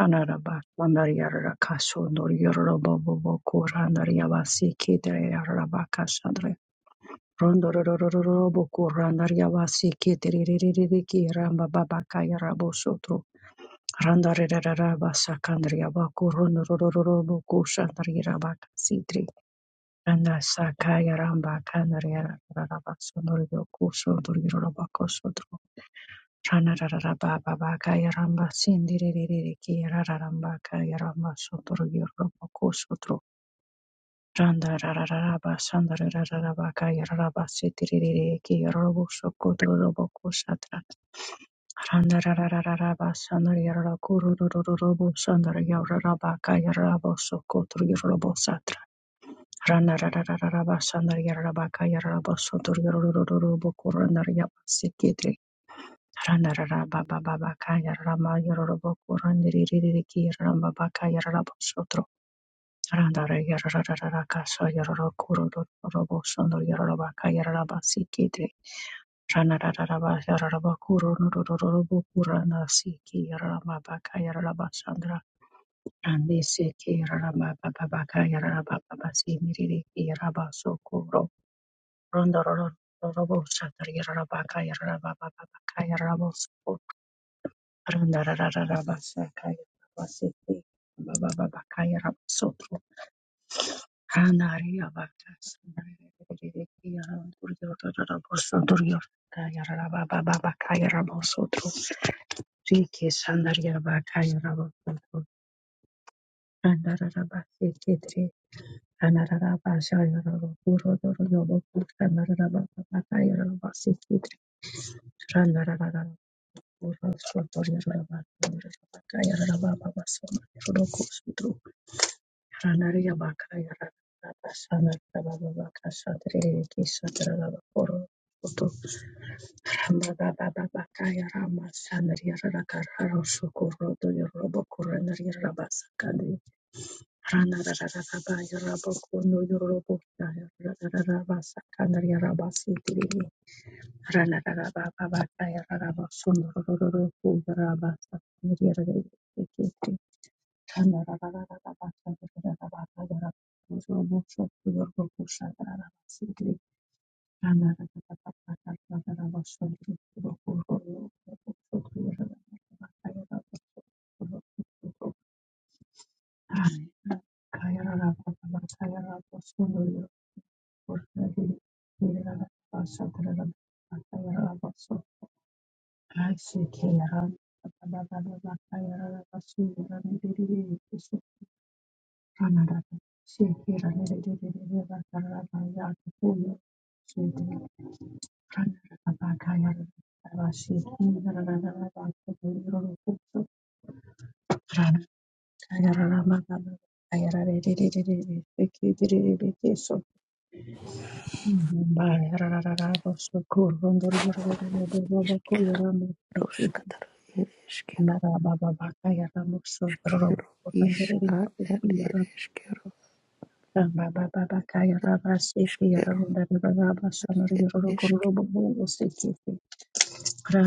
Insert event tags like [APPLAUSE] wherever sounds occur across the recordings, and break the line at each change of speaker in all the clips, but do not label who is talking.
Anaraba Sandarya Kasundor Yorobabo Kurandaryavasi Kitri Rabakashandre Rondororobo Kurandaryavasi Kitri Ramba Babakaya Rabosotro Randareraba Sakandriaba Kurundororobo Kushandri Rabakasitri Randa Sakaya Ramba Kandriya Rabasundor Yokusundor Yorobakosotro Rana rana rara rara rara rara rara ba sandara rara baka baka baka ki ki randa randa rara rara ba sandara yarara kuru robo sandara yarara baka yarabo sokotro yorbo satra Chanarararabababakayaramba sindiririririkiyarararambakayaramba sotoryorobokosotro chandararararaba sandarararabakayararaba sitiririririkiyarorobosokotorobokosatra randararararaba sandaryararakurorororobo sandaryararabakayararabosokotoryarobosatra ranararararaba sandaryararabakayararabosotoryorororobokorandaryabasikitre Randarara Baba Baba Kaya Rama Yororobo Kurandiri Ki Ramba Baka Yarabo Sotro Randara Yarara Kasa Yororo Kuro Robo Sondo Yororoba Kaya Raba Sikitri Ranaraba Yaraba Kuro Nurorobo Kurana Siki Rama Baka Yaraba Sandra Randi Siki Rama Baba Baka Yaraba Baba Simiriri Yaraba Sokuro Rondoro Robo Satar Yaraba Kaya Raba Baba Kaya Rabo Randa rara rara basa kaya basiti baba baba kaya ramosoto anar ya basa riri riri riri durjo durjo ramoso durjo kaya rara baba baba kaya ramosoto riki sandar ya basa kaya ramosoto randa rara basiti tree anar rara basaya ramoso durjo durjo yabu durjo randa rara baba kaya rara basiti tree randa rara rara ramoso torio rara baba kaya rara baba baso. Ranariya Bakaya Rabasana Rabaka Satri Kisatrava Koro Baba Bakaya Rama Sanriya Rakararo Shokuro do Yorobo Kuranari Rabasakadi Ranarabaya Raboko no Yorobo Rabasakanari Rabasi Tri Ranarababa Bakaya Rabasundoro Rabasa Thank you. Rana
Ishkeroshkataro, ereshkero, shkero, ishka, et ereshkero,
Rababa,
shkero, et eshk,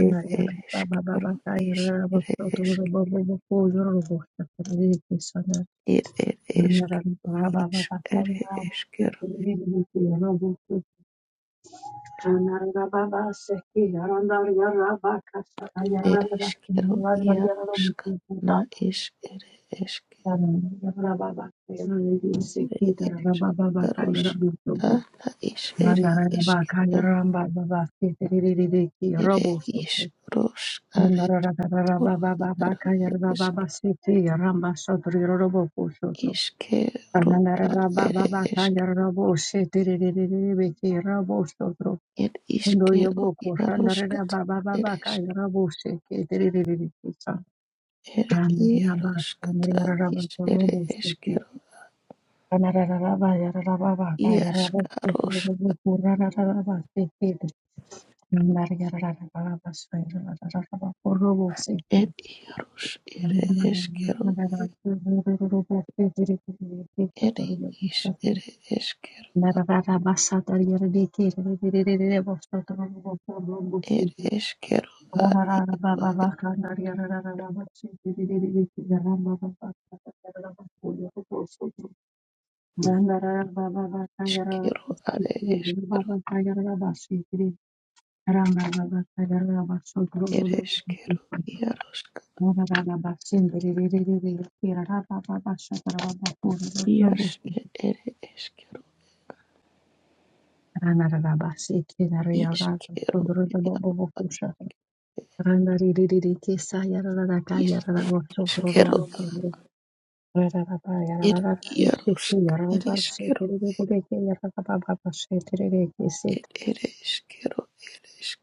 et ereshkero, is ere eshk, et ereshkero, ish, ere eshkero, ereshkero, iaroshka, na ish, ere eshk, ere esh, yaroshka, na ish, ere
Ramba
eshkero, ere ish, rosh, are, toro, iaro, Iskero ad ere esk ed iskero iaroskata ere esk ere iaroskata is ere eskero iaskaros ed iaros ere eskero ere is ere eskero ed
Baba
eskero ad iskero are eskero
Randa Mara Rara rara rara, bachcha
ere eskero iaroska ias ed ere eskero iskero ia is It Yaros it is. Ed Yarosk, It is. Ed It is.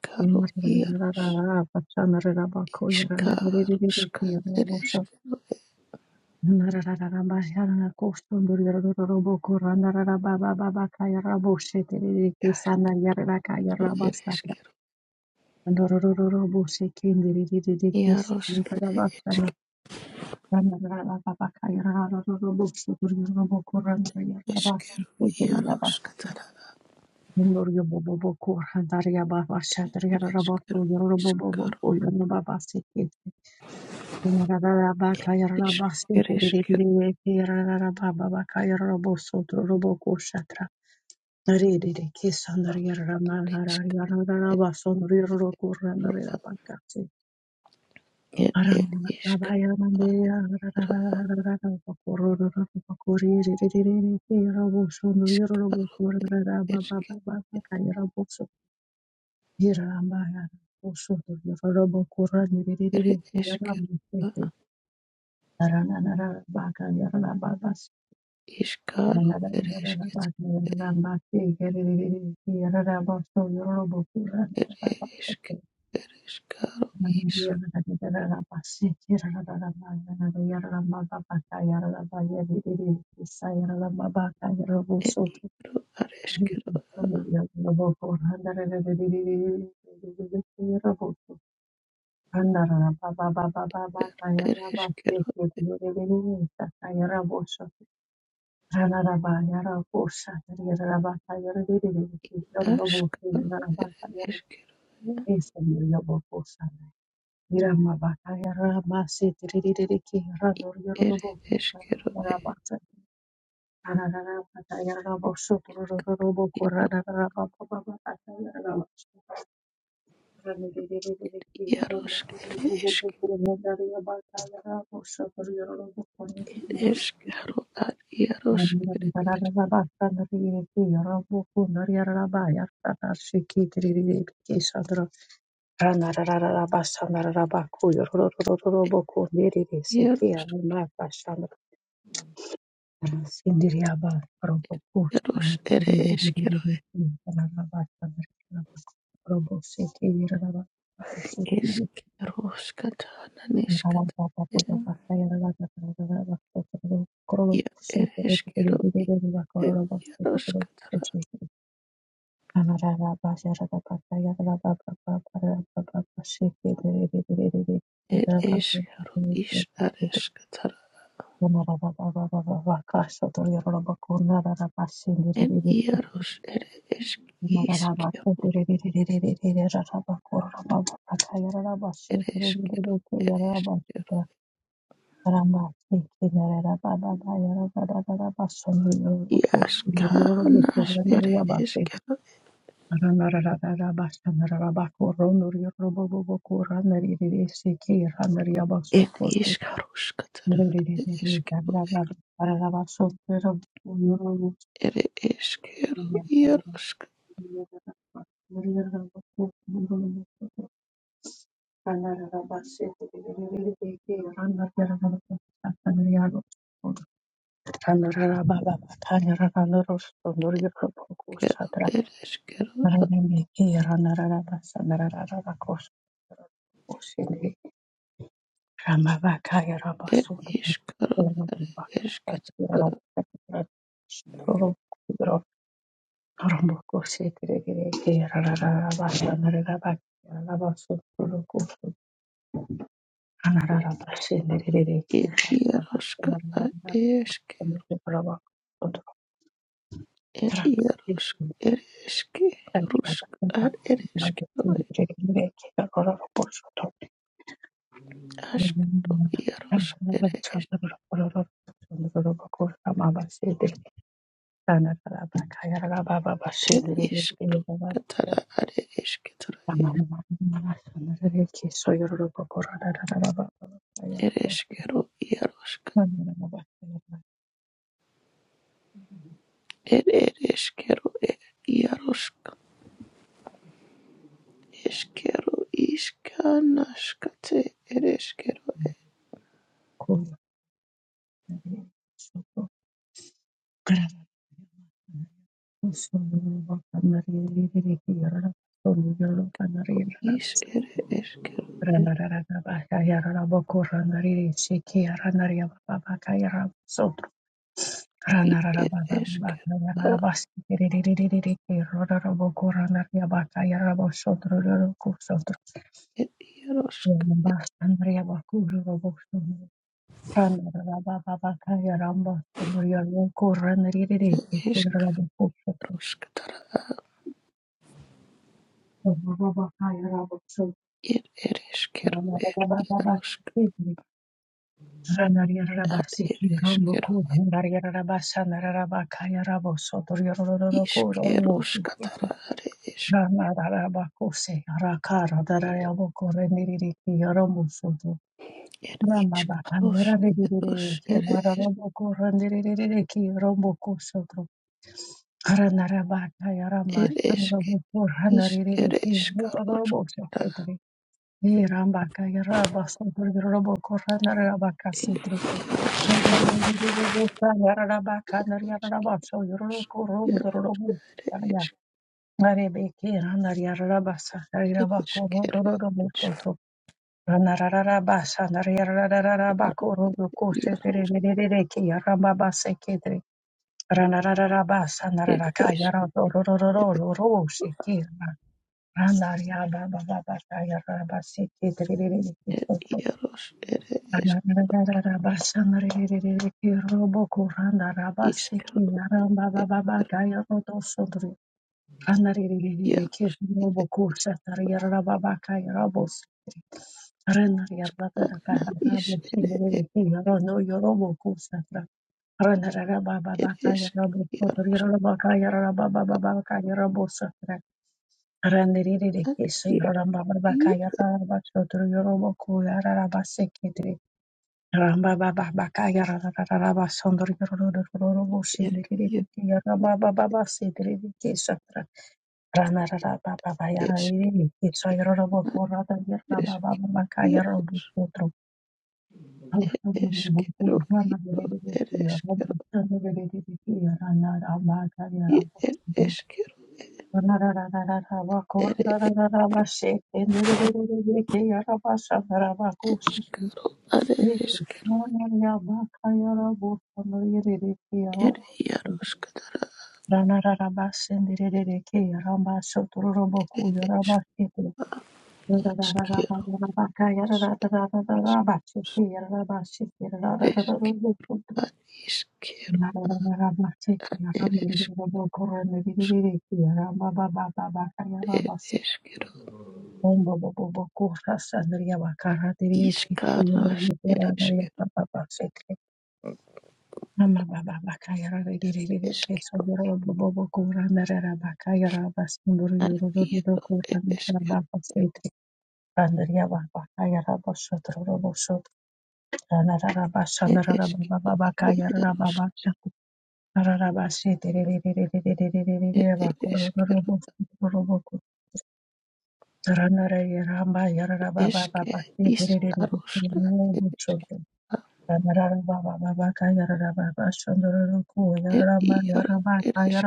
Ereskaro, Yaros,
mara rara bako yara, na riri riri riri
Iskaroska,
riri,
Ereskero, It
Ndoroboboboko,
is. Ereskero, Yaros, Ereskero, Yaros, Katara,
Handaria Baba, Shatria
Ereskero,
Raboto, Yorobobobo,
Iskaro,
Yorobobo, Ramba
Isk,
Robo
Ereskero, Iskero, Ed It is. Iska, Iskaro, It is.
Kurani
Ereskero,
Yarabakaya
It is. Ereskero, It is. Ereskaro, Is, Ed
Andara baba baba baba kaya
ere
baba
eskero,
seke dure dure dure kaya rabo
askaro, ere eskero, ere eskero,
Yarabakayarabosotorobokorobokoro.
iaroskere, eskero, ad
Robo
iaroskere, iaros, iaros, ere eskero, eskeroskata, naneskata, ia, ere eskero, iaroskata,
Ramba
ere eskero, is, areskata, en iaros, ere esk, iskero, ere eskero, ere eskero, Iaškarinas ir iškeru ir iškaruškatara ir iškeru ir iškeru iaruškakeru
Rarara
ir iškeru
Ramavakaya
ir
Rabasoda
iškaru iškatara ir iaruškara iške ir iarušk ir iške rušk ar ir iškeru aškaru iarušk ir iš
Thank you. Thank
ir iškatara ar iškatara ir iškeru It it iskero it yarosk iskero iskanaskate it iskero is it iskero
you. Rana
it it iskero it yarosk iskroskatara it it iskero it yarosk at it iskero iskeroskatara at it isk
Ramarabakose, Rakara, Darayaboko, Rendiriki, Romusudu,
it
Ramabaka,
iskaros yaros
Randiriki,
it is
Maraboko, Randiriki, Roboko Sodro, Ranarabaka, Yarama,
it isk
Ramaboko,
is it
Ranariki, Roboso
iskaroskatara
Pedri, Rambaka, Yaraba, Sodro, Roboko, Ranarabaka,
it
Sitri. Yarabaka, Yarabaka, Yarabaka, Yarabaka, Yarabaka,
isk
Arebeke ranariararabasa
It is kero ishkaro
rarirabakorororobosoto ranarararabasa
iar
nararararabakorodokosetererereke yarababasekedre ranarararabasa
it is kere
nararakayaradorororororosekera ranariababababaka
et
yarababasekedrererekesoto
iaros ere es
ranarararabasa narererereke roboko
iskaro
ranarabasekeya
eskero
rambabababaka yarodosodre
iar
Anariririke, Roboco, Satariara Babaca, Robos, Renariara
adna is
Carabos,
ere
Indirike, Rono, Yoroboco, Satra, Renara
it
Babaca,
is
Robos,
iar
Robaca, Rababaca, Robos, Satra,
ad
Rendirike,
iar
Ramba
iar
Babaca, Rabacho, Yoroboco, Arabasekitri, Ramba Babaca, Rabasondor, Robos,
ere
Indirike,
iar
Rabababa, Sidrike, Satra. Rana
eskna is iar It is eskero iar ere eskero It is eskero ere et eskero ade eskero ere iaros kada
rara basendere reke ramba sotororo boku yoraba Andrea va
iskeros
a pagar
es ere eskero ad iskero ere It is kettle. Is carlos. It is kettle. Is kettle. Ad iero. It is kettle.
a vosotros Yarababa
It is kettle. Ad ieros. It it is kettle. Eske is aroska. It is kettle. Ad iero. It is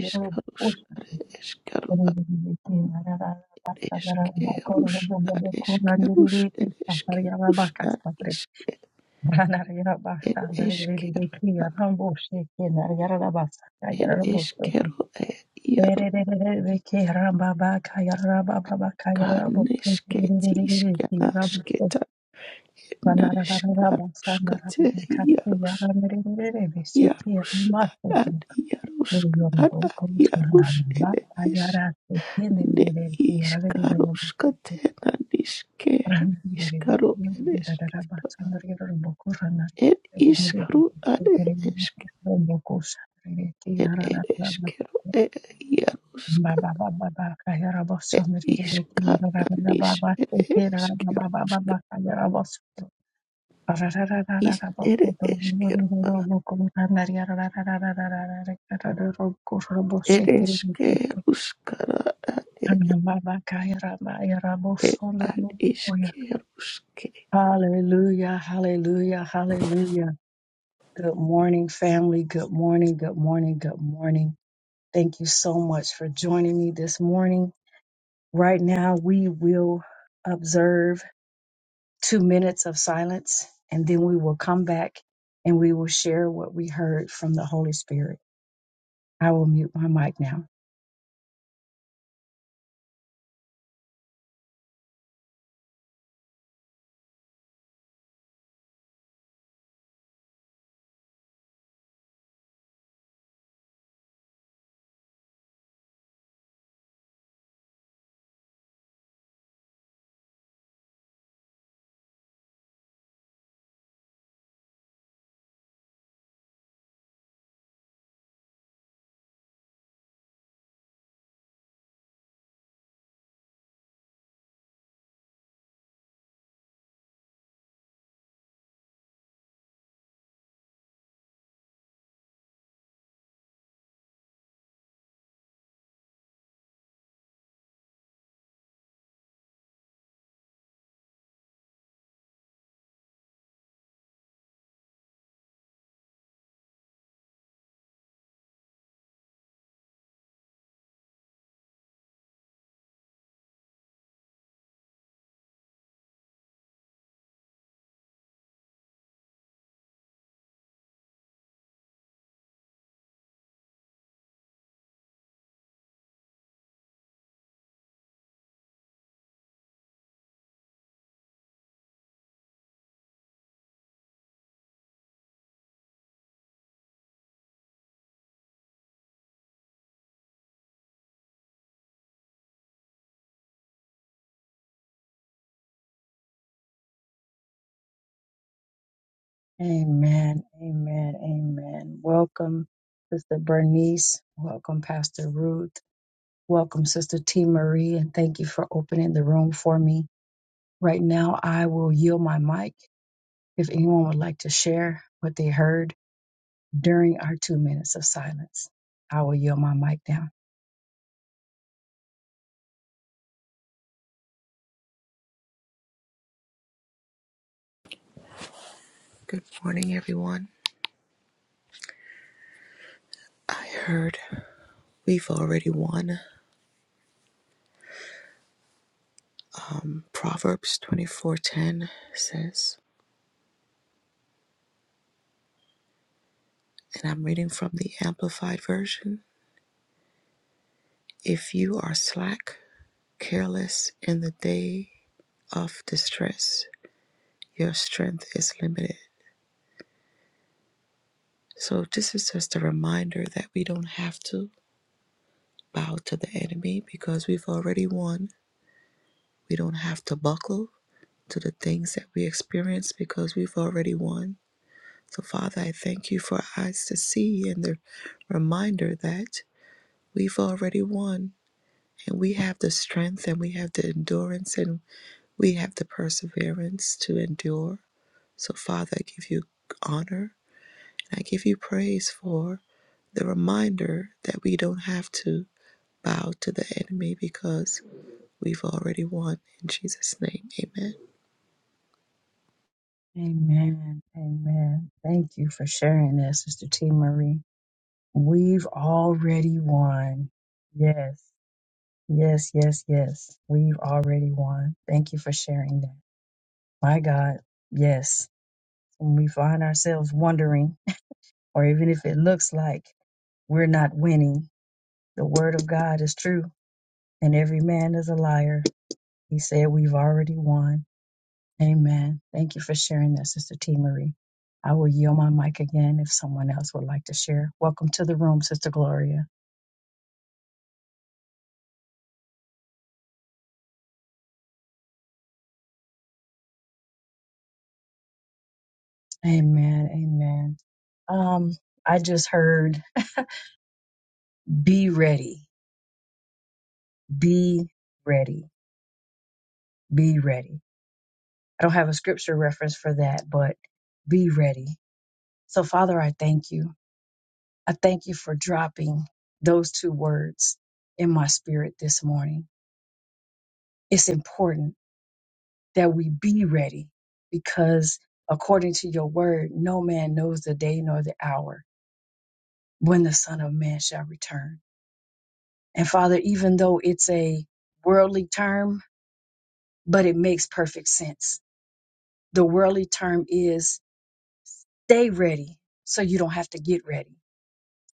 is carlos. Ad is kettle. Ad
Banarararabasa,
is
narararabaka,
kerus. Ad is kerus. It is kerus. Ad is it is kettle. It is kettle. Ganeshketishkanashketa Nashkarushkate Yarush
yararararabese,
Yarush Ad
kiramasu, Lo
Yarush
yar
Ad
bo koos na
Yarush
danda.
Eresh
Ajarat oke niri
Ne
deraiki. Ajarat ira bo koos
Ishkarushkate Nanishke
randa deraiki.
Ishkaru
Oke rara rara ba.
Ereshketro
Sangeri ro bo koos randa.
Ed
Ajarat niri
Ishkaru
deraiki.
Ade
Oke riri
Eshk
niri ro bo koos. Ajarat
Ed
ijaranat nara.
Ereshkero Ed Yarushka
Baba baba baba kajara bo
Ed
sangeri deraiki. Ajarat ira
Ishkananish
baba oke. Ajarat nara baba
Ereshkerushka
baba kajara bo suto. Rara rara rara
Is
rara bo suto ro
Ereshkero
nara ro bo koos randa riaro rara rara rara rara rara rara rara rara ro koos ro bo siteri.
ereshke ruskana
Hallelujah,
ed ad ishke ruske.
hallelujah, hallelujah. Good morning, family. Good morning, good morning, good morning. Thank you so much for joining me this morning. Right now, we will observe two minutes of silence and then we will come back and we will share what we heard from the Holy Spirit. I will mute my mic now. Amen. Amen. Amen. Welcome, Sister Bernice. Welcome, Pastor Ruth. Welcome, Sister T. Marie. And thank you for opening the room for me. Right now, I will yield my mic if anyone would like to share what they heard during our two minutes of silence. I will yield my mic now.
Good morning, everyone. I heard we've already won. Um, Proverbs 24:10 says, and I'm reading from the Amplified version. If you are slack, careless in the day of distress, your strength is limited. So this is just a reminder that we don't have to bow to the enemy because we've already won. We don't have to buckle to the things that we experience because we've already won. So, Father, I thank you for our eyes to see and the reminder that we've already won and we have the strength and we have the endurance and we have the perseverance to endure. So, Father, I give you honor and I give you praise for the reminder that we don't have to bow to the enemy because we've already won. In Jesus' name, amen.
Amen. Amen. Thank you for sharing that, Sister T. Marie. We've already won. Yes. Yes, yes, yes. We've already won. Thank you for sharing that. My God. Yes. When we find ourselves wondering, or even if it looks like we're not winning, the word of God is true, and every man is a liar. He said, We've already won. Amen. Thank you for sharing that, Sister T. Marie. I will yield my mic again if someone else would like to share. Welcome to the room, Sister Gloria. Amen. Amen. Um, I just heard be ready, be ready, be ready. I don't have a scripture reference for that, but be ready. So, Father, I thank you. I thank you for dropping those two words in my spirit this morning. It's important that we be ready because according to your word, no man knows the day nor the hour when the Son of Man shall return. And Father, even though it's a worldly term, but it makes perfect sense. The worldly term is stay ready so you don't have to get ready.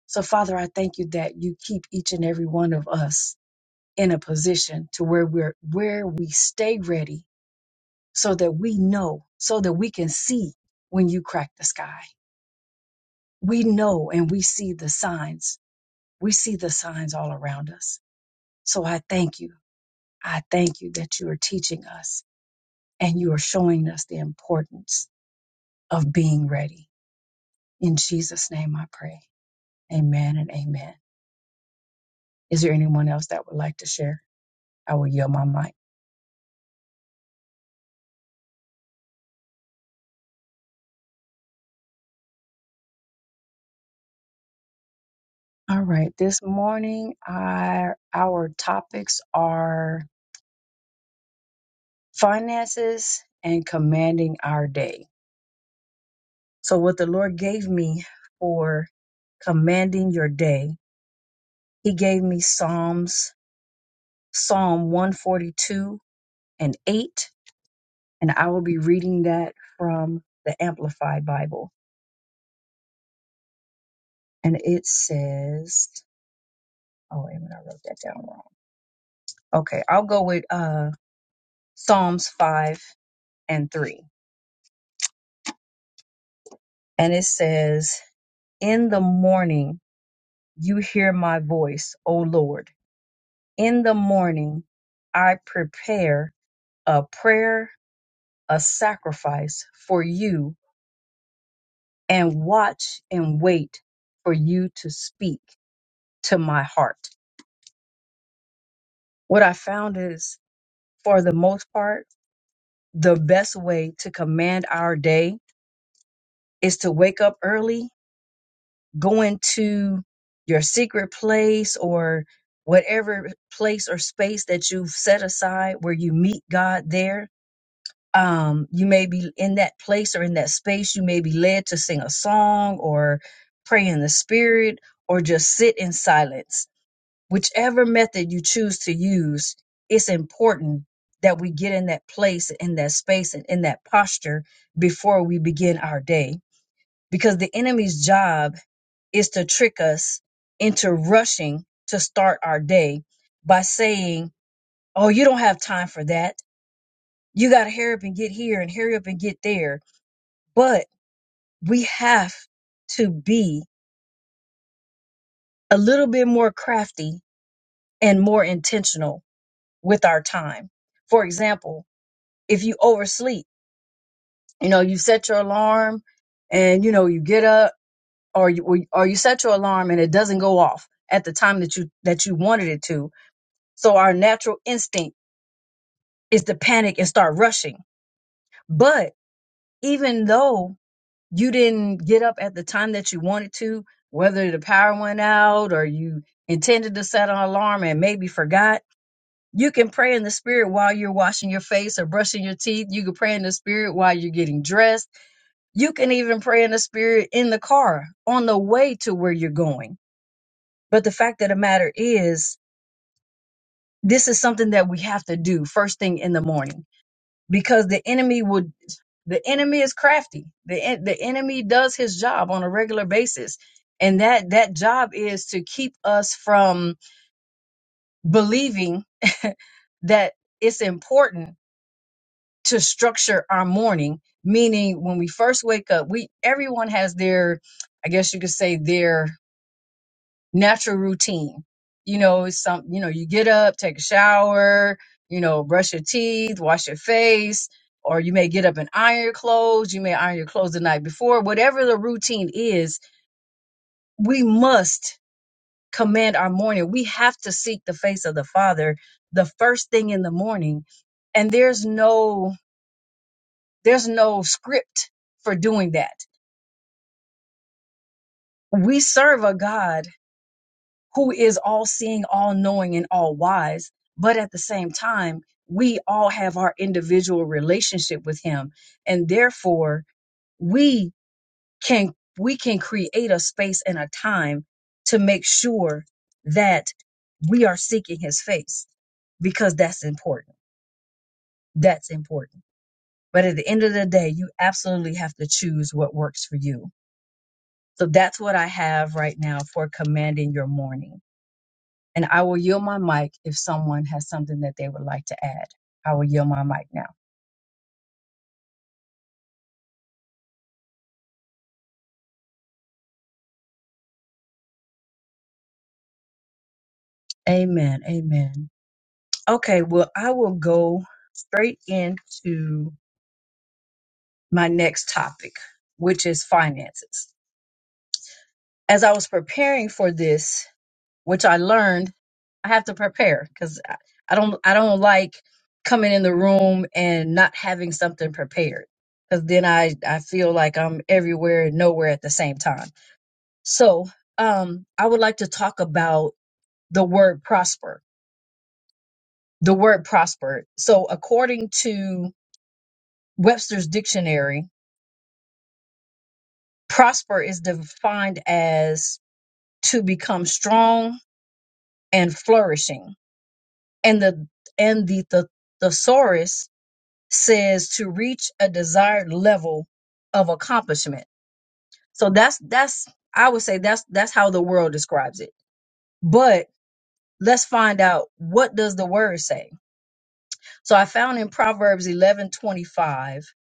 So, Father, I thank you that you keep each and every one of us in a position to where we're where we stay ready so that we know, so that we can see when you crack the sky we know and we see the signs. We see the signs all around us. So I thank you. I thank you that you are teaching us and you are showing us the importance of being ready. In Jesus' name I pray. Amen and amen. Is there anyone else that would like to share? I will yield my mic. All right. This morning, our, our topics are finances and commanding our day. So, what the Lord gave me for commanding your day He gave me Psalms, Psalm 142 and 8, and I will be reading that from the Amplified Bible. And it says, oh, wait a minute, I wrote that down wrong. Okay, I'll go with uh, Psalms 5 and 3. And it says, In the morning you hear my voice, O Lord. In the morning I prepare a prayer, a sacrifice for you and watch and wait for you to speak to my heart. What I found is, for the most part, the best way to command our day is to wake up early, go into your secret place or whatever place or space that you've set aside where you meet God there. Um, you may be in that place or in that space. You may be led to sing a song or pray in the spirit or just sit in silence whichever method you choose to use, it's important that we get in that place, in that space, and in that posture before we begin our day. Because the enemy's job is to trick us into rushing to start our day by saying, Oh, you don't have time for that. You got to hurry up and get here and hurry up and get there. But we have to be a little bit more crafty and more intentional with our time. For example, if you oversleep. You know, you set your alarm and you know you get up or you or or you set your alarm and it doesn't go off at the time that you that you wanted it to. So our natural instinct is to panic and start rushing. But even though you didn't get up at the time that you wanted to, whether the power went out or you intended to set an alarm and maybe forgot, you can pray in the spirit while you're washing your face or brushing your teeth. You can pray in the spirit while you're getting dressed You can even pray in the spirit in the car on the way to where you're going. But the fact of the matter is, this is something that we have to do first thing in the morning because the enemy would, the enemy is crafty. The, en- the enemy does his job on a regular basis. And that, that job is to keep us from believing [LAUGHS] that it's important to structure our morning. Meaning when we first wake up, we, everyone has their, I guess you could say their natural routine. You know, it's some you know, you get up, take a shower, you know, brush your teeth, wash your face, or you may get up and iron your clothes, you may iron your clothes the night before. Whatever the routine is, we must command our morning. We have to seek the face of the Father the first thing in the morning. And there's no there's no script for doing that. We serve a God who is all seeing, all knowing, and all wise. But at the same time, we all have our individual relationship with him. And therefore, we can we can create a space and a time to make sure that we are seeking his face because that's important. That's important. But at the end of the day, you absolutely have to choose what works for you. So that's what I have right now for commanding your morning. And I will yield my mic if someone has something that they would like to add. I will yield my mic now. Amen. Amen. Okay, well, I will go straight into my next topic, which is finances. As I was preparing for this, which I learned, I have to prepare because I I don't I don't like coming in the room and not having something prepared because then I, I feel like I'm everywhere and nowhere at the same time. So, um, I would like to talk about the word prosper. The word prosper. So, according to Webster's dictionary, prosper is defined as to become strong and flourishing. And the and the, the thesaurus says to reach a desired level of accomplishment. So that's that's I would say that's that's how the world describes it. But let's find out what does the word say So I found in Proverbs 11:25,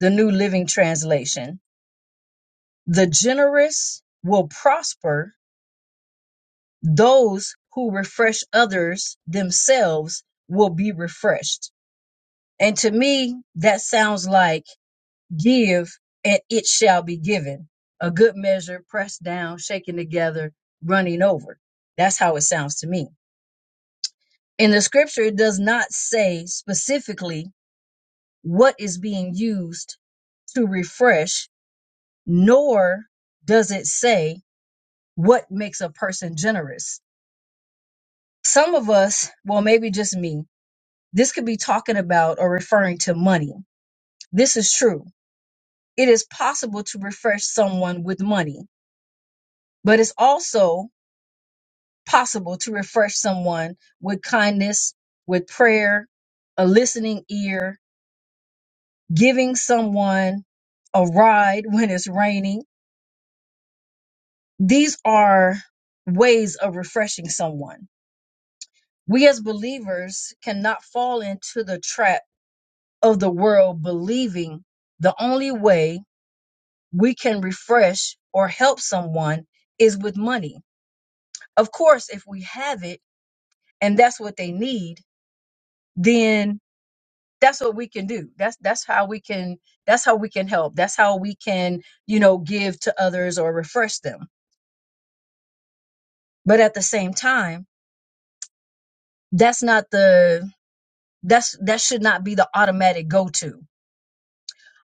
the New Living Translation, the generous will prosper, those who refresh others themselves will be refreshed. And to me, that sounds like give and it shall be given. A good measure pressed down, shaken together, running over. That's how it sounds to me. In the scripture, it does not say specifically what is being used to refresh nor does it say what makes a person generous. Some of us, well, maybe just me, this could be talking about or referring to money. This is true. It is possible to refresh someone with money, but it's also possible to refresh someone with kindness, with prayer, a listening ear, giving someone a ride when it's raining. These are ways of refreshing someone We as believers cannot fall into the trap of the world believing the only way we can refresh or help someone is with money. Of course, if we have it and that's what they need, then that's what we can do. That's that's how we can that's how we can help. That's how we can, you know, give to others or refresh them. But at the same time, that's not the that's that should not be the automatic go-to.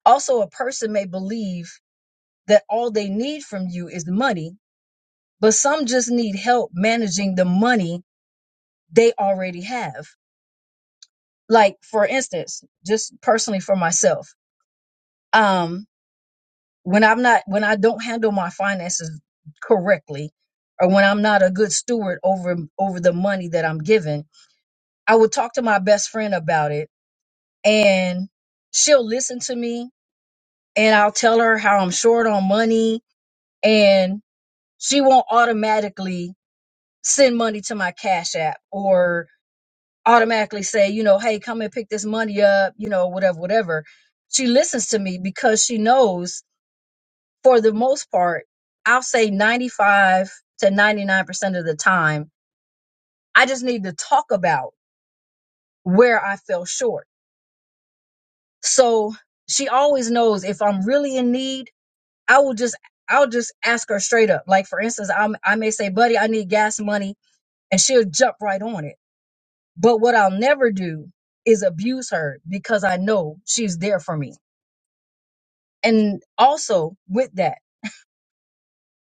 Also, a person may believe that all they need from you is the money, but some just need help managing the money they already have. Like for instance, just personally for myself, um, when I'm not when I don't handle my finances correctly, or when I'm not a good steward over over the money that I'm given, I would talk to my best friend about it, and she'll listen to me, and I'll tell her how I'm short on money, and she won't automatically send money to my cash app or automatically say you know hey come and pick this money up you know whatever whatever she listens to me because she knows for the most part i'll say 95 to 99% of the time i just need to talk about where i fell short so she always knows if i'm really in need i will just i'll just ask her straight up like for instance I'm, i may say buddy i need gas money and she'll jump right on it But what I'll never do is abuse her because I know she's there for me. And also with that,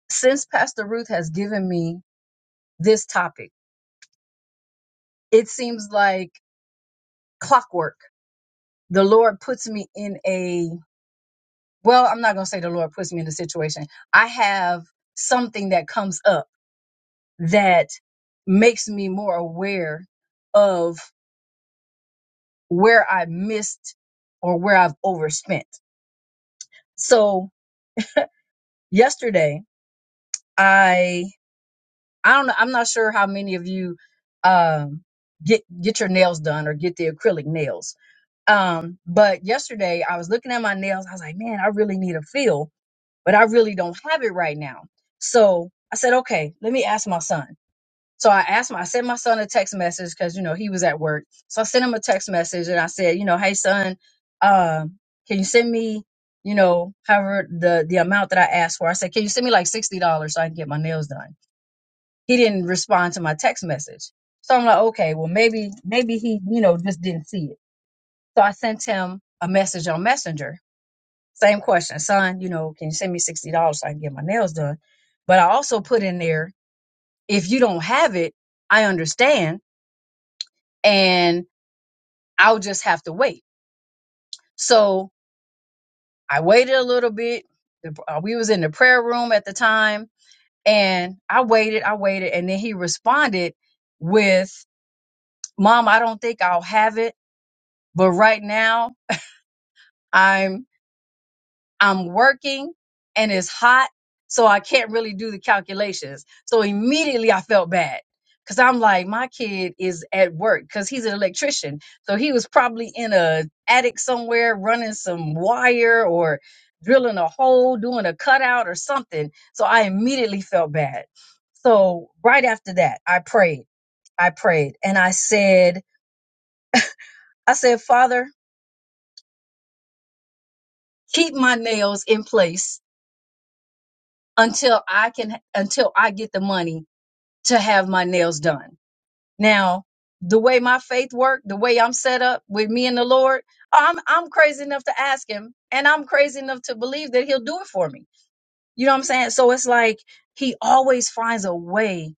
since Pastor Ruth has given me this topic, it seems like clockwork. The Lord puts me in a, well, I'm not going to say the Lord puts me in a situation. I have something that comes up that makes me more aware of where I missed or where I've overspent. So yesterday, I I don't know. I'm not sure how many of you um, get get your nails done or get the acrylic nails. Um, but yesterday I was looking at my nails. I was like, man, I really need a feel, but I really don't have it right now. So I said, okay, let me ask my son. So I asked my, I sent my son a text message because you know he was at work. So I sent him a text message and I said, you know, hey son, um, can you send me, you know, however the the amount that I asked for? I said, can you send me like sixty dollars so I can get my nails done? he didn't respond to my text message. So I'm like, okay, well maybe maybe he, you know, just didn't see it. So I sent him a message on Messenger. Same question, son, you know, can you send me sixty dollars so I can get my nails done? But I also put in there, if you don't have it, I understand and I'll just have to wait. So I waited a little bit. The- uh, We was in the prayer room at the time and I waited, I waited, and then he responded with, Mom, I don't think I'll have it but right now I'm I'm working and it's hot, so I can't really do the calculations. So immediately I felt bad because I'm like, my kid is at work because he's an electrician, so he was probably in a attic somewhere running some wire or drilling a hole, doing a cutout or something. So I immediately felt bad. So right after that, I prayed. I prayed and I said, I said, Father, keep my nails in place until I can until I get the money to have my nails done. Now, the way my faith work, the way I'm set up with me and the Lord, oh, I'm I'm crazy enough to ask him and I'm crazy enough to believe that he'll do it for me. You know what I'm saying? So it's like he always finds a way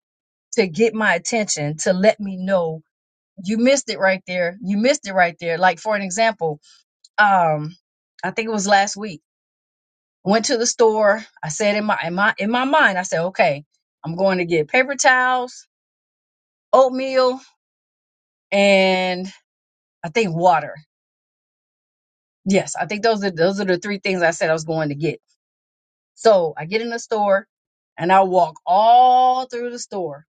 to get my attention to let me know you missed it right there. You missed it right there. Like for an example, um I think it was last week went to the store. I said in my in my in my mind, I said, okay, I'm going to get paper towels, oatmeal, and I think water. Yes, I think those are those are the three things I said I was going to get. So I get in the store and I walk all through the store.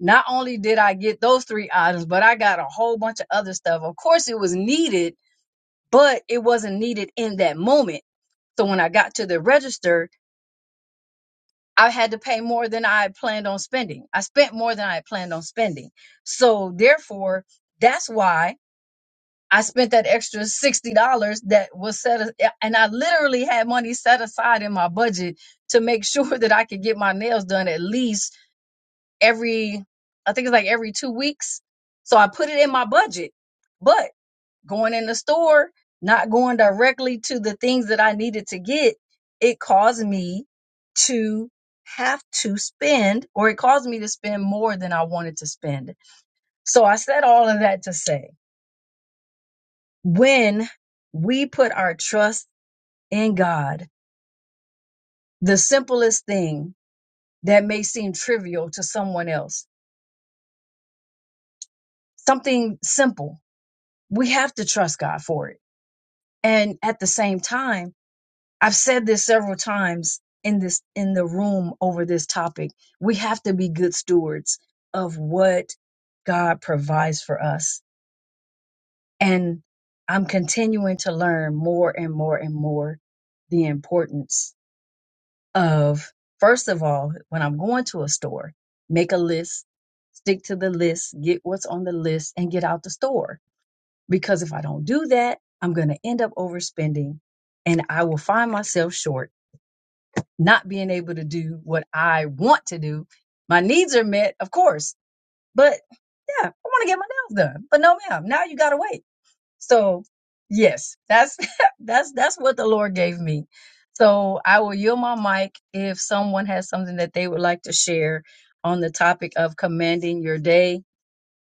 Not only did I get those three items, but I got a whole bunch of other stuff. Of course, it was needed, but it wasn't needed in that moment. So when I got to the register, I had to pay more than I had planned on spending. I spent more than I had planned on spending. So therefore, that's why I spent that extra $60 that was set a- and I literally had money set aside in my budget to make sure [LAUGHS] that I could get my nails done at least every I think it's like every 2 weeks. So I put it in my budget. but going in the store, not going directly to the things that I needed to get, it caused me to have to spend, or it caused me to spend more than I wanted to spend. So I said all of that to say when we put our trust in God, the simplest thing that may seem trivial to someone else, something simple, we have to trust God for it. And at the same time, I've said this several times in this in the room over this topic. We have to be good stewards of what God provides for us. And I'm continuing to learn more and more and more the importance of first of all, when I'm going to a store, make a list, stick to the list, get what's on the list and get out the store. Because if I don't do that, I'm going to end up overspending and I will find myself short not being able to do what I want to do. My needs are met, of course, but yeah, I want to get my nails done. But no, ma'am, now you gotta wait. So yes, that's [LAUGHS] that's that's what the Lord gave me. So I will yield my mic if someone has something that they would like to share on the topic of commanding your day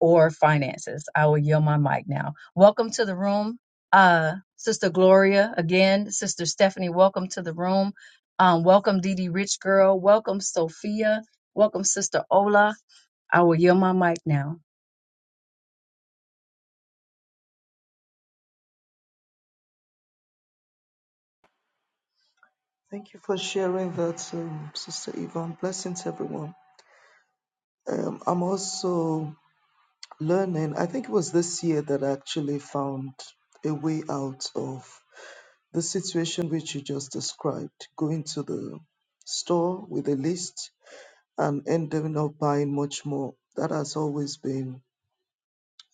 or finances. I will yield my mic now. Welcome to the room, uh, Sister Gloria. Again, Sister Stephanie, welcome to the room. Um, welcome, Dee Dee Rich Girl. Welcome, Sophia. Welcome, Sister Ola. I will yield my mic now.
Thank you for sharing that, um, Sister Yvonne. Blessings, everyone. Um, I'm also learning, I think it was this year that I actually found a way out of the situation which you just described going to the store with a list and ending up buying much more. That has always been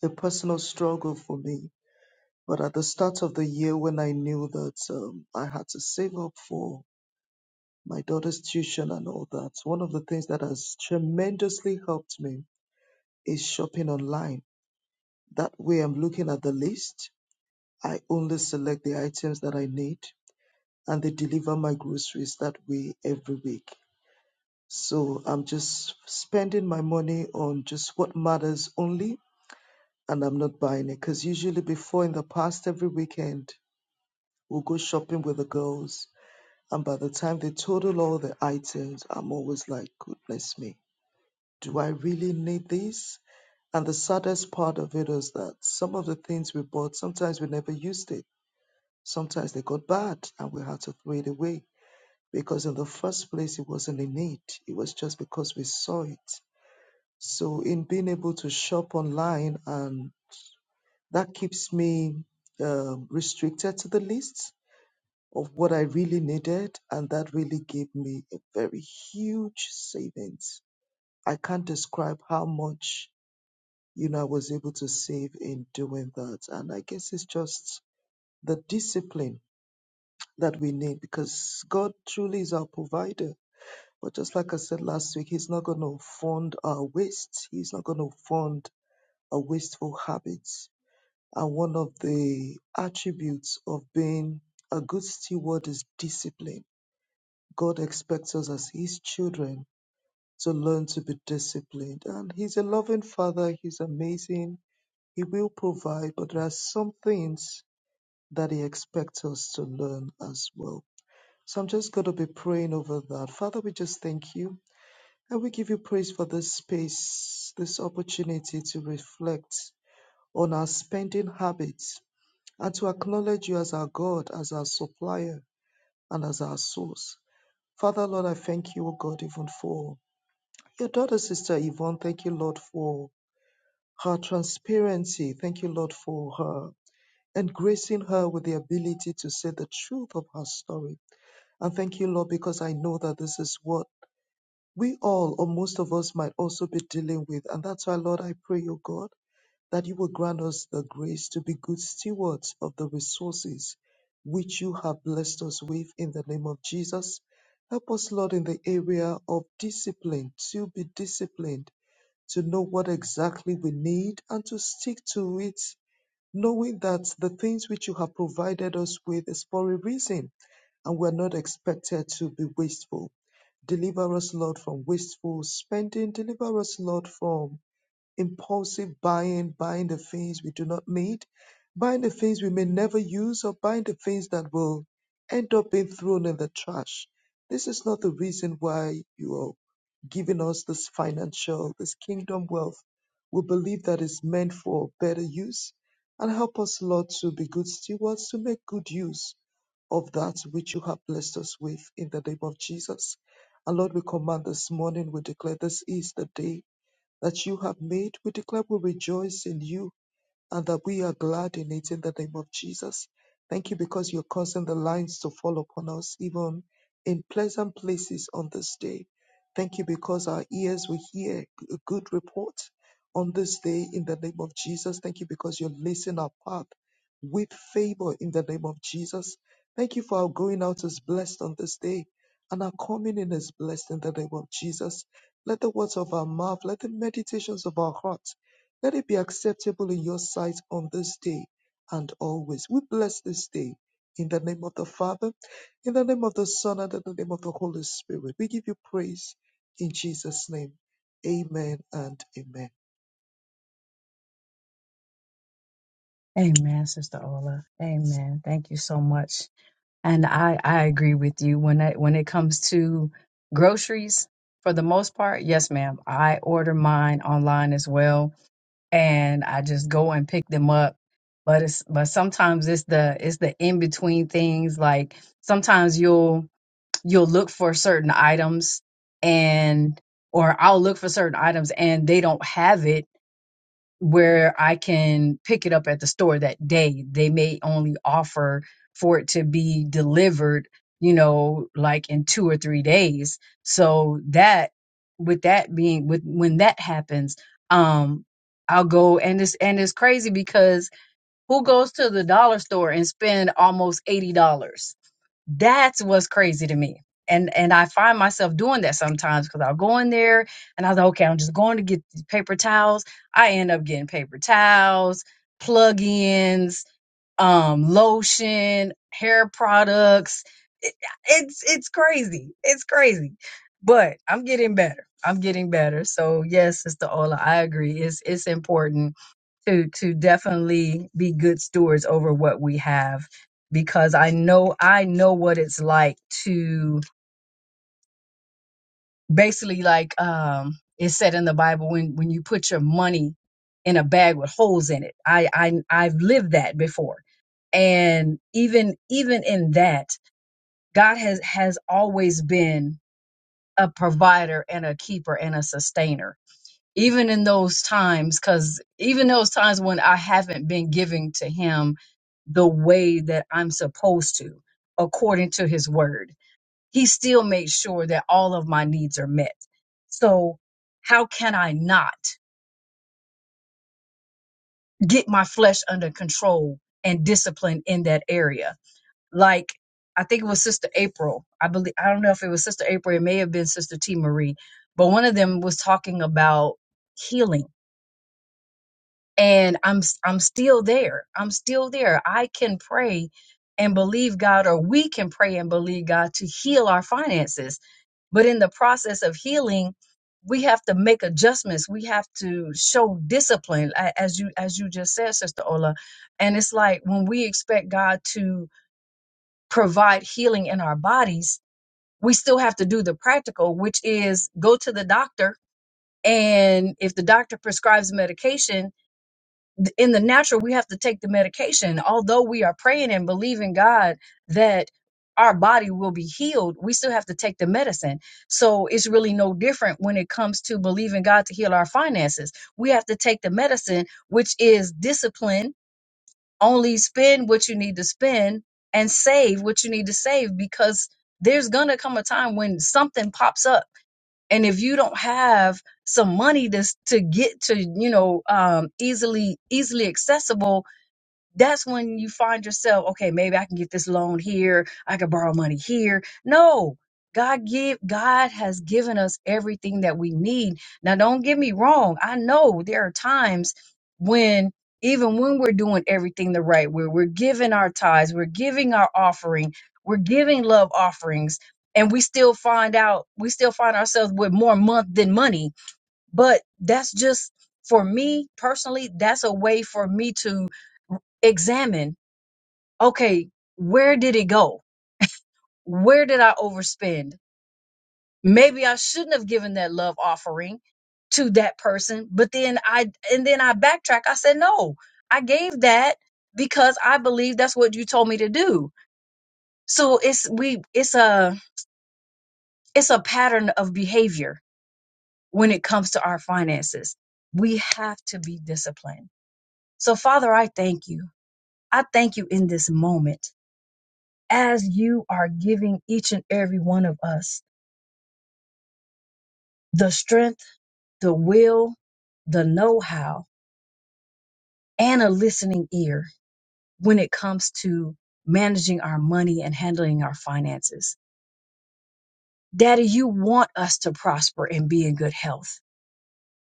a personal struggle for me. But at the start of the year, when I knew that um, I had to save up for my daughter's tuition and all that. One of the things that has tremendously helped me is shopping online. That way, I'm looking at the list. I only select the items that I need and they deliver my groceries that way every week. So I'm just spending my money on just what matters only and I'm not buying it. Because usually, before in the past, every weekend, we'll go shopping with the girls. And by the time they total all the items, I'm always like, goodness me Do I really need this? And the saddest part of it is that some of the things we bought, sometimes we never used it. Sometimes they got bad and we had to throw it away because, in the first place, it wasn't a need. It was just because we saw it. So, in being able to shop online, and that keeps me um, restricted to the list of what I really needed. And that really gave me a very huge savings. I can't describe how much you know, I was able to save in doing that. And I guess it's just the discipline that we need because God truly is our provider. But just like I said last week, He's not going to fund our waste, He's not going to fund our wasteful habits. And one of the attributes of being a good steward is discipline. God expects us as His children to learn to be disciplined. And He's a loving Father, He's amazing He will provide, but there are some things that He expects us to learn as well. So I'm just going to be praying over that. Father, we just thank you and we give you praise for this space, this opportunity to reflect on our spending habits and to acknowledge you as our God, as our supplier, and as our source. Father, Lord, I thank you, O God, even for your daughter, Sister Yvonne. Thank you, Lord, for her transparency. Thank you, Lord, for her and gracing her with the ability to say the truth of her story. And thank you, Lord, because I know that this is what we all, or most of us, might also be dealing with. And that's why, Lord, I pray, O God, that you will grant us the grace to be good stewards of the resources which you have blessed us with in the name of Jesus. Help us, Lord, in the area of discipline, to be disciplined, to know what exactly we need and to stick to it knowing that the things which you have provided us with is for a reason and we're not expected to be wasteful. Deliver us, Lord, from wasteful spending. Deliver us, Lord, from impulsive buying, buying the things we do not need, buying the things we may never use, or buying the things that will end up being thrown in the trash. This is not the reason why you are giving us this financial, this kingdom wealth. We believe that it's meant for better use and help us, Lord, to be good stewards, to make good use of that which you have blessed us with in the name of Jesus. And Lord, we command this morning, we declare this is the day that you have made. We declare we rejoice in you and that we are glad in it in the name of Jesus. Thank you because you're causing the lines to fall upon us, even in pleasant places on this day. Thank you because our ears will hear a good report on this day in the name of Jesus. Thank you because you're lacing our path with favor in the name of Jesus. Thank you for our going out is blessed on this day and our coming in is blessed in the name of Jesus. Let the words of our mouth, let the meditations of our heart let it be acceptable in your sight on this day and always. We bless this day in the name of the Father, in the name of the Son, and in the name of the Holy Spirit. We give you praise in Jesus' name. Amen and amen.
Amen, Sister Ola. Amen. Thank you so much. And I, I agree with you when it when it comes to groceries. For the most part, yes, ma'am. I order mine online as well and I just go and pick them up. But it's but sometimes it's the it's the in between things. Like sometimes you'll you'll look for certain items and or I'll look for certain items and they don't have it where I can pick it up at the store that day. They may only offer for it to be delivered, you know, like in two or three days. So that, with that being, with when that happens, um, I'll go and it's and it's crazy because who goes to the dollar store and spend almost eighty dollars? that's what's crazy to me and and i find myself doing that sometimes because i'll go in there and i was like okay i'm just going to get these paper towels i end up getting paper towels plug-ins um lotion hair products It- it's it's crazy it's crazy but i'm getting better i'm getting better so yes sister ola i agree it's it's important to to definitely be good stewards over what we have because I know I know what it's like to basically like um it said in the Bible when when you put your money in a bag with holes in it. I I I've lived that before. And even even in that, God has has always been a provider and a keeper and a sustainer even in those times because even those times when i haven't been giving to him the way that i'm supposed to according to his word he still made sure that all of my needs are met so how can i not get my flesh under control and discipline in that area like i think it was sister april i believe i don't know if it was sister april it may have been sister t marie but one of them was talking about healing and I'm i I'm still there. I'm still there. I can pray and believe God or we can pray and believe God to heal our finances. But in the process of healing, we have to make adjustments. We have to show discipline a- as you as you just said Sister Ola. And it's like when we expect God to provide healing in our bodies, we still have to do the practical, which is go to the doctor and if the doctor prescribes medication, in the natural, we have to take the medication. Although we are praying and believing God that our body will be healed, we still have to take the medicine. So it's really no different when it comes to believing God to heal our finances. We have to take the medicine, which is discipline, only spend what you need to spend and save what you need to save because there's going to come a time when something pops up and if you don't have some money to to get to you know um easily easily accessible that's when you find yourself, okay, maybe I can get this loan here, I can borrow money here. No, God give God has given us everything that we need. Now don't get me wrong, I know there are times when even when we're doing everything the right way, we're giving our tithes, we're giving our offering, we're giving love offerings, and we still find out we still find ourselves with more month than money. But that's just for me personally, that's a way for me to examine okay, where did it go? Where did I overspend? Maybe I shouldn't have given that love offering to that person, but then I and then I backtrack. I said, "No. I gave that because I believe that's what you told me to do." So it's we it's a it's a pattern of behavior when it comes to our finances. We have to be disciplined. So Father, I thank you. I thank you in this moment as you are giving each and every one of us the strength, the will, the know how, and a listening ear when it comes to managing our money and handling our finances. Daddy, you want us to prosper and be in good health,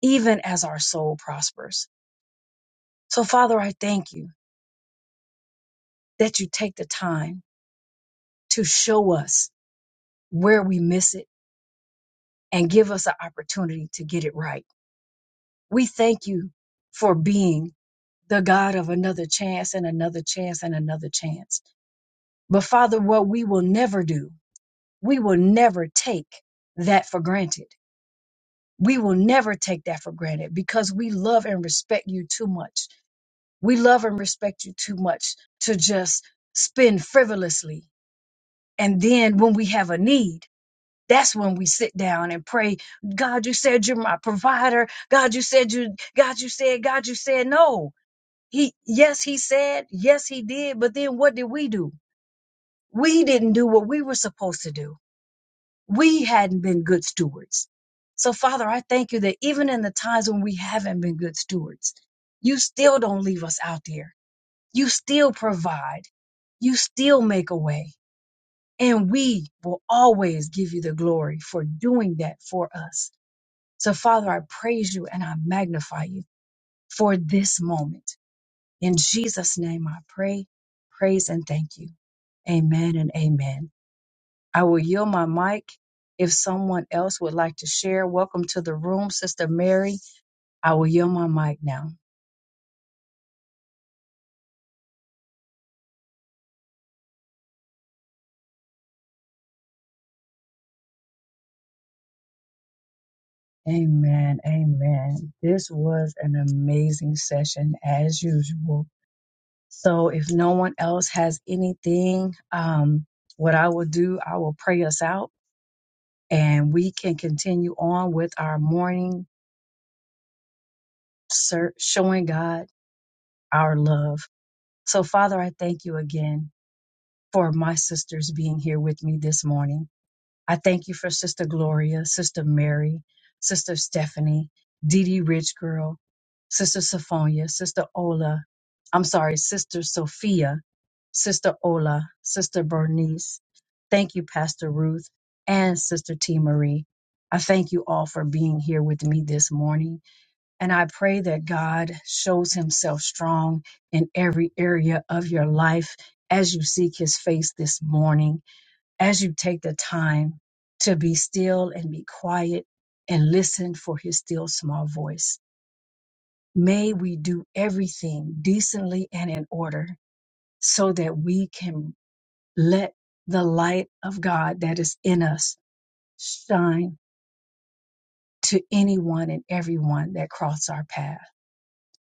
even as our soul prospers. So, Father, I thank you that you take the time to show us where we miss it and give us an opportunity to get it right. We thank you for being the God of another chance and another chance and another chance. But Father, what we will never do, we will never take that for granted. We will never take that for granted because we love and respect you too much. We love and respect you too much to just spend frivolously. And then when we have a need, that's when we sit down and pray, God, you said you're my provider. God, you said you, God, you said, God, you said no. He, yes, he said, yes, he did. But then what did we do? We didn't do what we were supposed to do we hadn't been good stewards. So, Father, I thank you that even in the times when we haven't been good stewards, you still don't leave us out there. You still provide. You still make a way. And we will always give you the glory for doing that for us. So, Father, I praise you and I magnify you for this moment. In Jesus' name, I pray, praise, and thank you. Amen and amen. I will yield my mic if someone else would like to share. Welcome to the room, Sister Mary. I will yield my mic now. Amen. Amen. This was an amazing session as usual. So if no one else has anything, um, what I will do, I will pray us out and we can continue on with our morning ser- showing God our love. So Father, I thank you again for my sisters being here with me this morning. I thank you for Sister Gloria, Sister Mary, Sister Stephanie, Dee Dee Rich Girl, Sister Sophia, Sister Ola, I'm sorry, Sister Sophia, Sister Ola, Sister Bernice. Thank you, Pastor Ruth and Sister T. Marie. I thank you all for being here with me this morning. And I pray that God shows himself strong in every area of your life as you seek his face this morning as you take the time to be still and be quiet and listen for his still small voice. May we do everything decently and in order so that we can let the light of God that is in us shine to anyone and everyone that cross our path.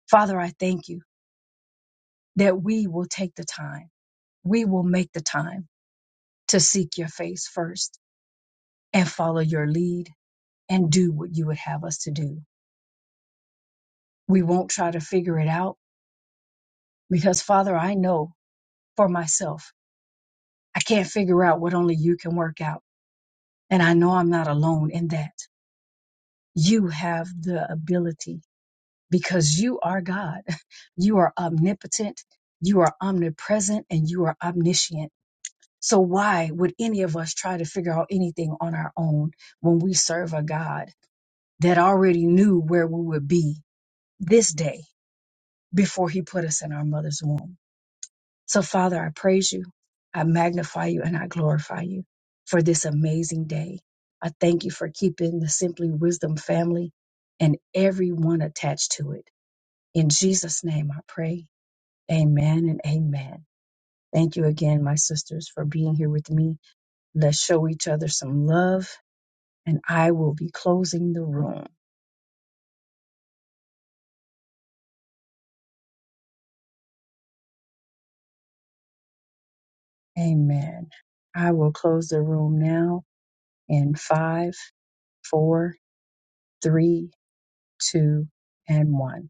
Father, I thank you that we will take the time. We will make the time to seek your face first and follow your lead and do what you would have us to do. We won't try to figure it out because, Father, I know for myself, I can't figure out what only you can work out. And I know I'm not alone in that. You have the ability because you are God. [LAUGHS] You are omnipotent, you are omnipresent, and you are omniscient. So, why would any of us try to figure out anything on our own when we serve a God that already knew where we would be this day before he put us in our mother's womb? So, Father, I praise you, I magnify you, and I glorify you for this amazing day. I thank you for keeping the Simply Wisdom family and everyone attached to it. In Jesus' name I pray. Amen and amen. Thank you again, my sisters, for being here with me. Let's show each other some love, and I will be closing the room. Amen. I will close the room now in five, four, three, two, and one.